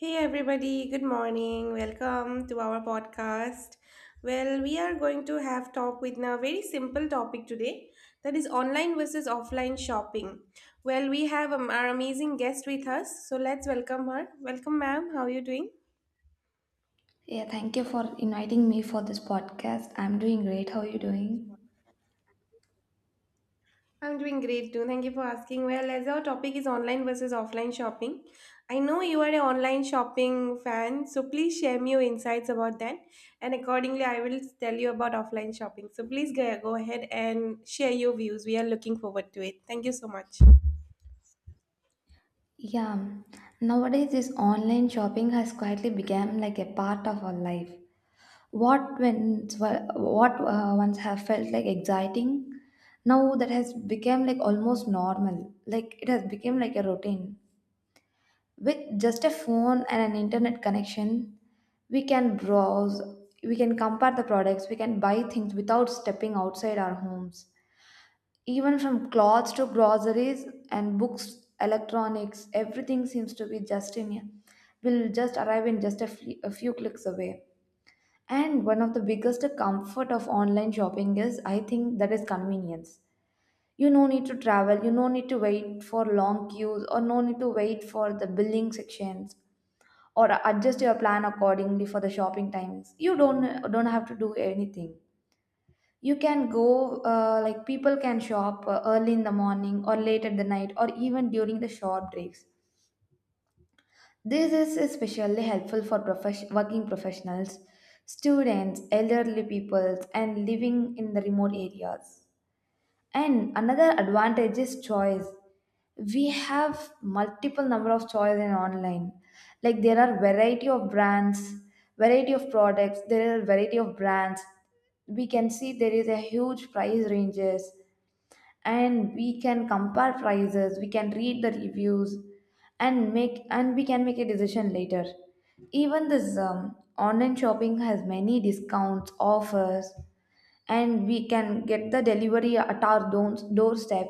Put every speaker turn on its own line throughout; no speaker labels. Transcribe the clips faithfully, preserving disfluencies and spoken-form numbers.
Hey everybody, good morning. Welcome to our podcast. Well, we are going to have talk with a very simple topic today that is online versus offline shopping. Well, we have um, our amazing guest with us, so let's welcome her. Welcome ma'am, how are you doing?
Yeah, thank you for inviting me for this podcast. I'm doing great. How are you doing?
I'm doing great too. Thank you for asking. Well, as our topic is online versus offline shopping, I know you are an online shopping fan, so please share me your insights about that. And accordingly, I will tell you about offline shopping. So please go go ahead and share your views. We are looking forward to it. Thank you so much.
Yeah, nowadays this online shopping has quietly become like a part of our life. What once were- what uh, once have felt like exciting, now that has become like almost normal. Like it has become like a routine. With just a phone and an internet connection, we can browse, we can compare the products, we can buy things without stepping outside our homes. Even from clothes to groceries and books, electronics, everything seems to be just in here. Will just arrive in just a fe- a few clicks away. And one of the biggest comfort of online shopping is, I think, that is convenience. You no need to travel, you no need to wait for long queues, or no need to wait for the billing sections, or adjust your plan accordingly for the shopping times. You don't don't have to do anything. You can go, uh, like people can shop uh, early in the morning or late at the night or even during the short breaks. This is especially helpful for profes- working professionals, students, elderly people, and living in the remote areas. And another advantage is choice. We have multiple number of choice in online, like there are variety of brands, variety of products, there are variety of brands. We can see there is a huge price ranges, and we can compare prices, we can read the reviews, and make and we can make a decision later. Even this um, online shopping has many discounts offers, and we can get the delivery at our doors- doorstep.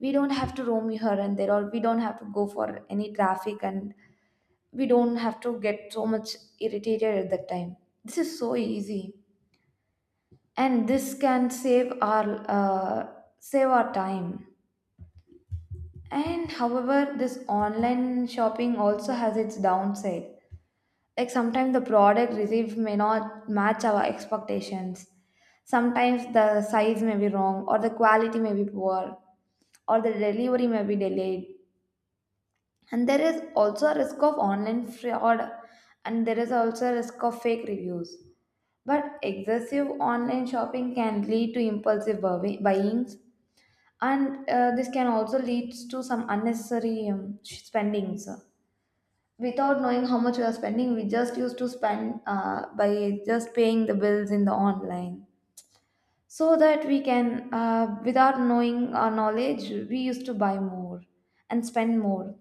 We don't have to roam here and there, or we don't have to go for any traffic, and we don't have to get so much irritated at that time. This is so easy, and this can save our uh, save our time. And however, this online shopping also has its downside. Like sometimes the product received may not match our expectations. Sometimes the size may be wrong or the quality may be poor, or the delivery may be delayed, and there is also a risk of online fraud, and there is also a risk of fake reviews. But excessive online shopping can lead to impulsive buy- buyings, and uh, this can also lead to some unnecessary um, sh- spendings. Without knowing how much we are spending, we just used to spend uh, by just paying the bills in the online, so that we can uh, without knowing our knowledge, we used to buy more and spend more.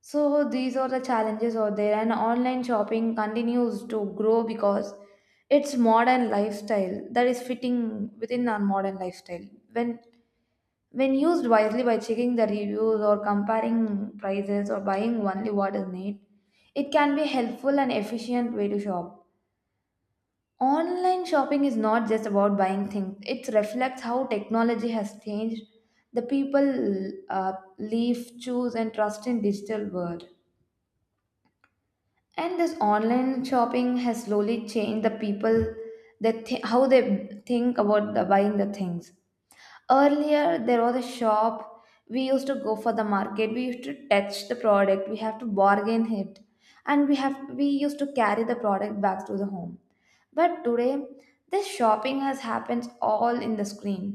So these are the challenges out there, and online shopping continues to grow because it's modern lifestyle, that is fitting within our modern lifestyle. when when used wisely by checking the reviews or comparing prices or buying only what is needed, it can be helpful and efficient way to shop. Online shopping is not just about buying things. It reflects how technology has changed the people uh, live, choose, and trust in digital world. And this online shopping has slowly changed the people, that th- how they think about the buying the things. Earlier, there was a shop. We used to go for the market. We used to touch the product. We have to bargain it, and we have we used to carry the product back to the home. But today, this shopping has happens all in the screen.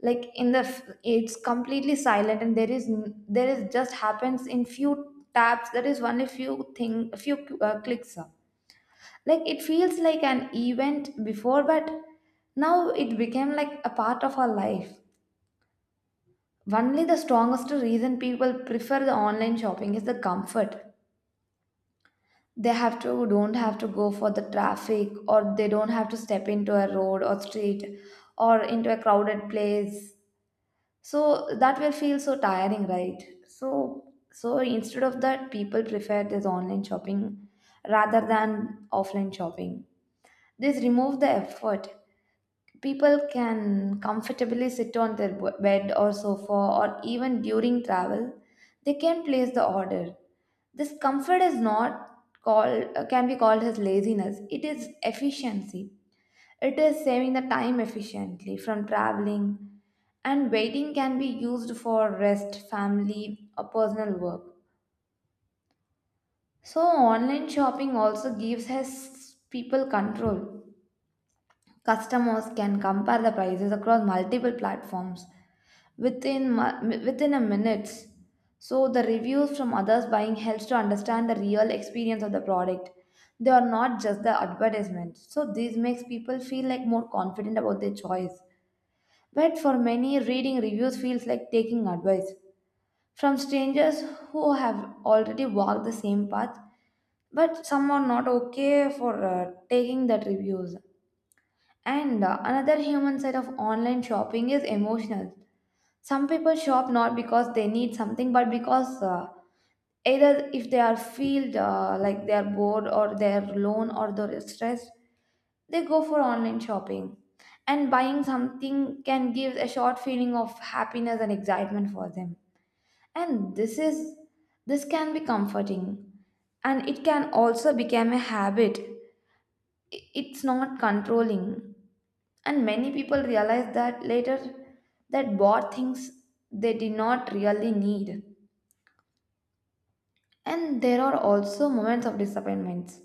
Like in the, f- it's completely silent, and there is n- there is just happens in few taps. There is only few thing, few uh, clicks. Like it feels like an event before, but now it became like a part of our life. Only the strongest reason people prefer the online shopping is the comfort. They have to don't have to go for the traffic, or they don't have to step into a road or street or into a crowded place. So that will feel so tiring, right? So so instead of that, people prefer this online shopping rather than offline shopping. This remove the effort. People can comfortably sit on their b- bed or sofa, or even during travel, they can place the order. This comfort is not called uh, can be called as laziness. It is efficiency. It is saving the time efficiently from traveling, and waiting can be used for rest, family, or personal work. So online shopping also gives us people control. Customers can compare the prices across multiple platforms within mu- within a minutes. So the reviews from others buying helps to understand the real experience of the product. They are not just the advertisements. So this makes people feel like more confident about their choice. But for many, reading reviews feels like taking advice from strangers who have already walked the same path, but some are not okay for uh, taking that reviews. And uh, another human side of online shopping is emotional. Some people shop not because they need something, but because uh, either if they are feel uh, like they are bored or they are alone or they're stressed, they go for online shopping. And buying something can give a short feeling of happiness and excitement for them. And this is this can be comforting, and it can also become a habit. I- It's not controlling, and many people realize that later that bought things they did not really need. And there are also moments of disappointments.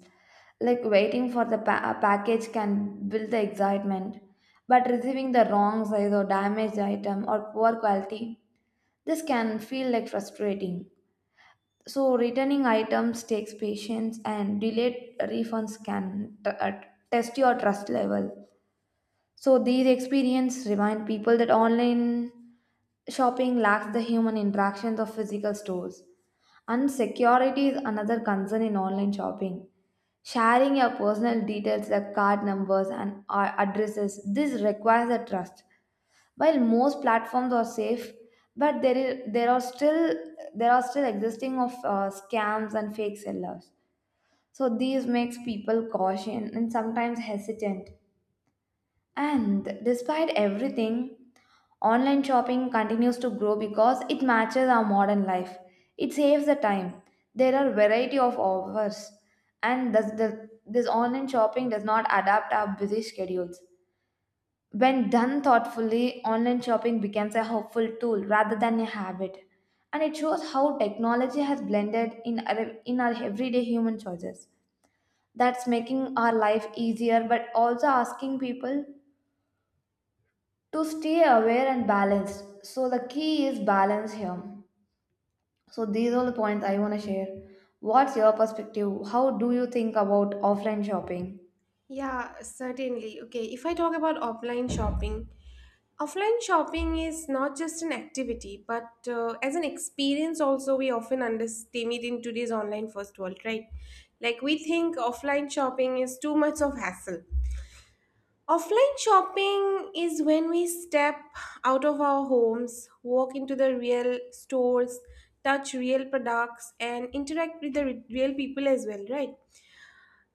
Like waiting for the pa- a package can build the excitement, but receiving the wrong size or damaged item or poor quality, this can feel like frustrating. So returning items takes patience, and delayed refunds can t- uh, test your trust level. So these experiences remind people that online shopping lacks the human interactions of physical stores. And security is another concern in online shopping. Sharing your personal details like card numbers and uh, addresses, this requires a trust. While most platforms are safe, but there is there are still there are still existing of uh, scams and fake sellers. So these makes people cautious and sometimes hesitant. And despite everything, online shopping continues to grow because it matches our modern life. It saves the time. There are variety of offers, and does the, this online shopping does not adapt our busy schedules. When done thoughtfully, online shopping becomes a helpful tool rather than a habit, and it shows how technology has blended in our, in our everyday human choices. That's making our life easier, but also asking people to stay aware and balanced. So the key is balance here. So these are the points I want to share. What's your perspective? How do you think about offline shopping?
Yeah, certainly. Okay, if I talk about offline shopping, offline shopping is not just an activity, but uh, as an experience also we often understand it in today's online first world, right? Like we think offline shopping is too much of hassle. Offline shopping is when we step out of our homes, walk into the real stores, touch real products and interact with the re- real people as well, right?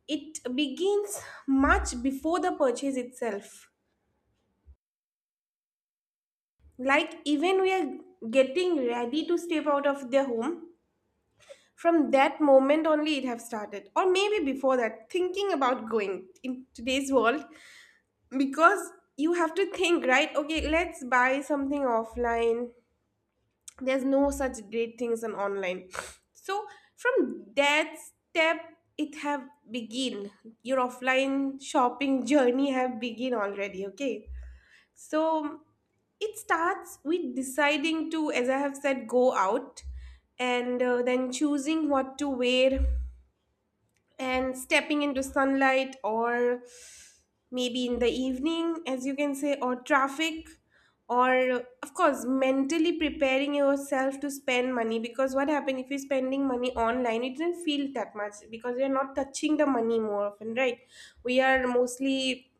It begins much before the purchase itself. Like even we are getting ready to step out of their home, from that moment only it have started. Or maybe before that, thinking about going in today's world. Because you have to think, right? Okay, let's buy something offline. There's no such great things on online. So from that step it have begin your offline shopping journey have begin already. Okay. So it starts with deciding to, as I have said, go out and uh, then choosing what to wear and stepping into sunlight or maybe in the evening, as you can say, or traffic. Or, of course, mentally preparing yourself to spend money because what happens if you're spending money online? It doesn't feel that much because you're not touching the money more often, right? We are mostly,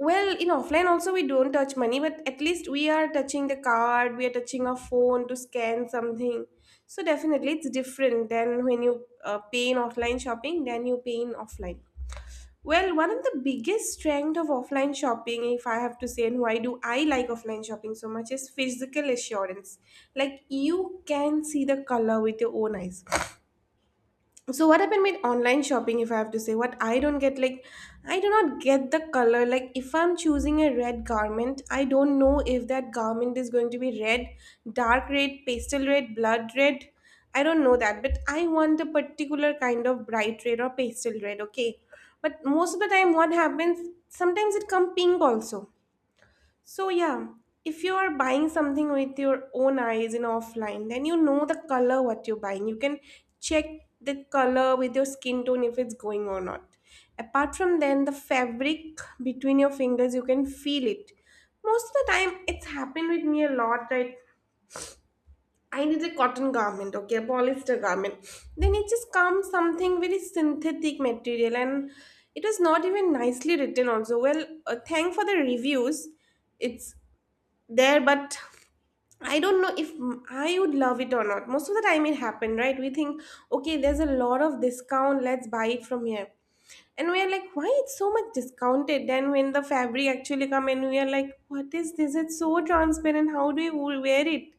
well, in offline also we don't touch money, but at least we are touching the card, we are touching a phone to scan something. So definitely it's different than when you uh, pay in offline shopping than you pay in offline. Well, one of the biggest strength of offline shopping, if I have to say, and why do I like offline shopping so much, is physical assurance. Like you can see the color with your own eyes. So what happened with online shopping, if I have to say, what I don't get, like I do not get the color. Like if I'm choosing a red garment, I don't know if that garment is going to be red, dark red, pastel red, blood red. I don't know that, but I want a particular kind of bright red or pastel red. Okay, but most of the time what happens, sometimes it come pink also. So yeah, if you are buying something with your own eyes in offline, then you know the color what you're buying. You can check the color with your skin tone if it's going or not. Apart from then the fabric between your fingers, you can feel it. Most of the time it's happened with me a lot, right? I need a cotton garment, okay, a polyester garment. Then it just comes something very synthetic material and it was not even nicely written also. Well, uh, thank for the reviews, it's there, but I don't know if m- I would love it or not. Most of the time it happened, right? We think, okay, there's a lot of discount, let's buy it from here. And we are like, why it's so much discounted? Then when the fabric actually come in, we are like, what is this? It's so transparent. How do you wear it?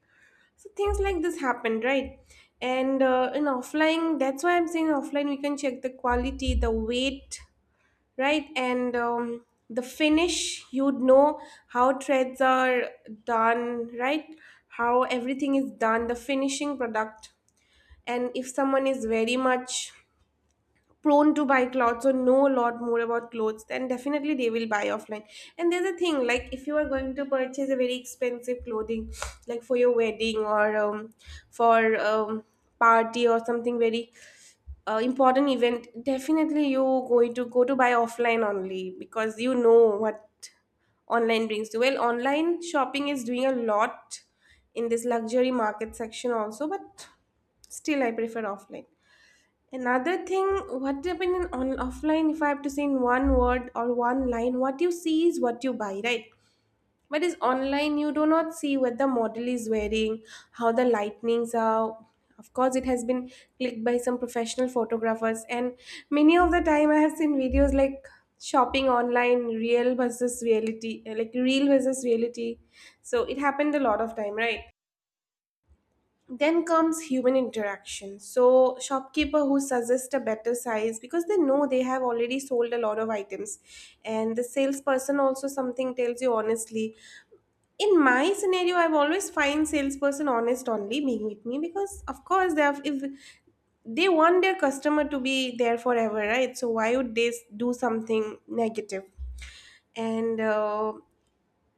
So things like this happened, right? And uh, in offline, that's why I'm saying offline we can check the quality, the weight, right? And um, the finish, you'd know how threads are done, right? How everything is done, the finishing product. And if someone is very much prone to buy clothes or know a lot more about clothes, then definitely they will buy offline. And there's a thing, like if you are going to purchase a very expensive clothing, like for your wedding or um, for um, party or something very uh, important event, definitely you going to go to buy offline only because you know what online brings to. Well, online shopping is doing a lot in this luxury market section also, but still I prefer offline. Another thing what happened in on offline, if I have to say in one word or one line, what you see is what you buy, right? But is online, you do not see what the model is wearing, how the lightnings are. Of course, it has been clicked by some professional photographers, and many of the time I have seen videos like shopping online, real versus reality, uh, like real versus reality. So it happened a lot of time, right? Then comes human interaction. So shopkeeper who suggests a better size because they know they have already sold a lot of items, and the salesperson also something tells you honestly. In my scenario, I've always find salesperson honest only being with me, because of course they have, if they want their customer to be there forever, right? So why would they s- do something negative, negative? And uh,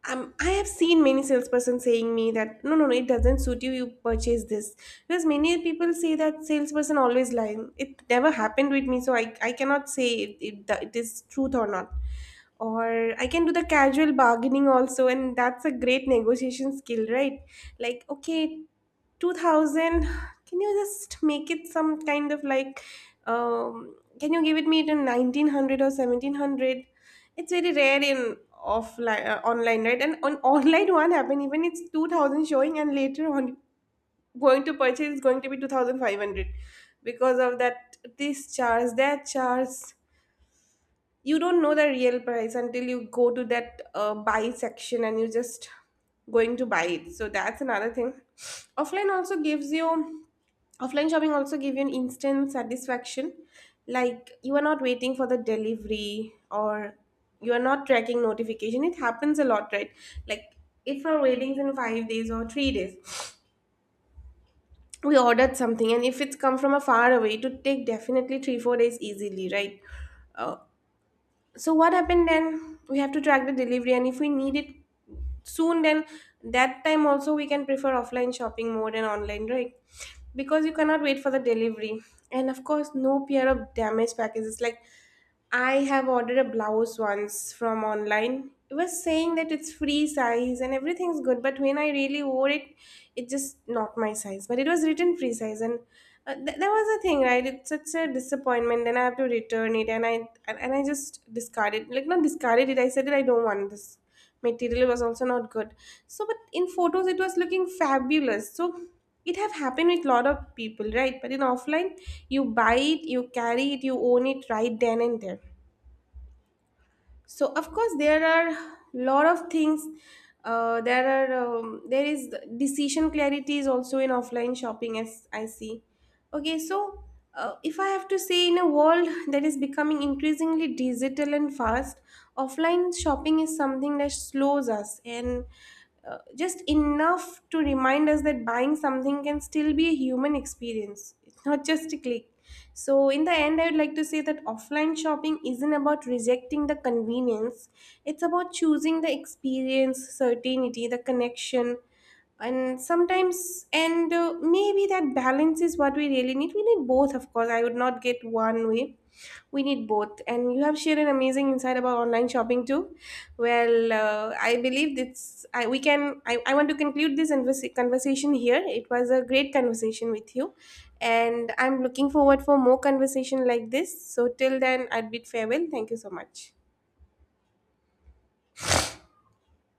um, I have seen many salesperson saying me that no, no, no, it doesn't suit you. You purchase this. Because many people say that salesperson always lying. It never happened with me, so I, I cannot say it, it, it is truth or not. Or I can do the casual bargaining also, and that's a great negotiation skill, right? Like okay, two thousand, can you just make it some kind of like, um, can you give it me it in nineteen hundred or seventeen hundred? It's very rare in offline uh, online, right? And on online one happen, even it's two thousand showing and later on going to purchase is going to be two thousand five hundred because of that this charge that charge. You don't know the real price until you go to that uh, buy section and you're just going to buy it. So that's another thing. Offline also gives you, offline shopping also give you an instant satisfaction. Like you are not waiting for the delivery or you are not tracking notification. It happens a lot, right? Like if our waiting's in five days or three days, we ordered something and if it's come from a far away, it would take definitely three four days easily, right? uh, so what happened then? We have to track the delivery, and if we need it soon, then that time also we can prefer offline shopping more than online, right? Because you cannot wait for the delivery, and of course, no fear of damaged packages. Like I have ordered a blouse once from online. It was saying that it's free size and everything's good, but when I really wore it, it just not my size. But it was written free size, and uh, th- there was a thing, right? It's such a disappointment. Then I have to return it and I, and, and I just discarded, like not discarded it. I said that I don't want this material. It was also not good. So but in photos it was looking fabulous, so it have happened with lot of people, right? But in offline, you buy it, you carry it, you own it right then and there. So of course there are lot of things. uh, there are um, there is decision clarity is also in offline shopping as I see. Okay, so uh, if I have to say, in a world that is becoming increasingly digital and fast, offline shopping is something that slows us, and uh, just enough to remind us that buying something can still be a human experience. It's not just a click. So, in the end, I would like to say that offline shopping isn't about rejecting the convenience, it's about choosing the experience, certainty, the connection. And sometimes, and uh, maybe that balance is what we really need. We need both, of course. I would not get one way. We need both. And you have shared an amazing insight about online shopping too. Well, uh, I believe this. I we can. I, I want to conclude this conversa- conversation here. It was a great conversation with you and I'm looking forward for more conversation like this. So till then, I'd bid farewell. Thank you so much.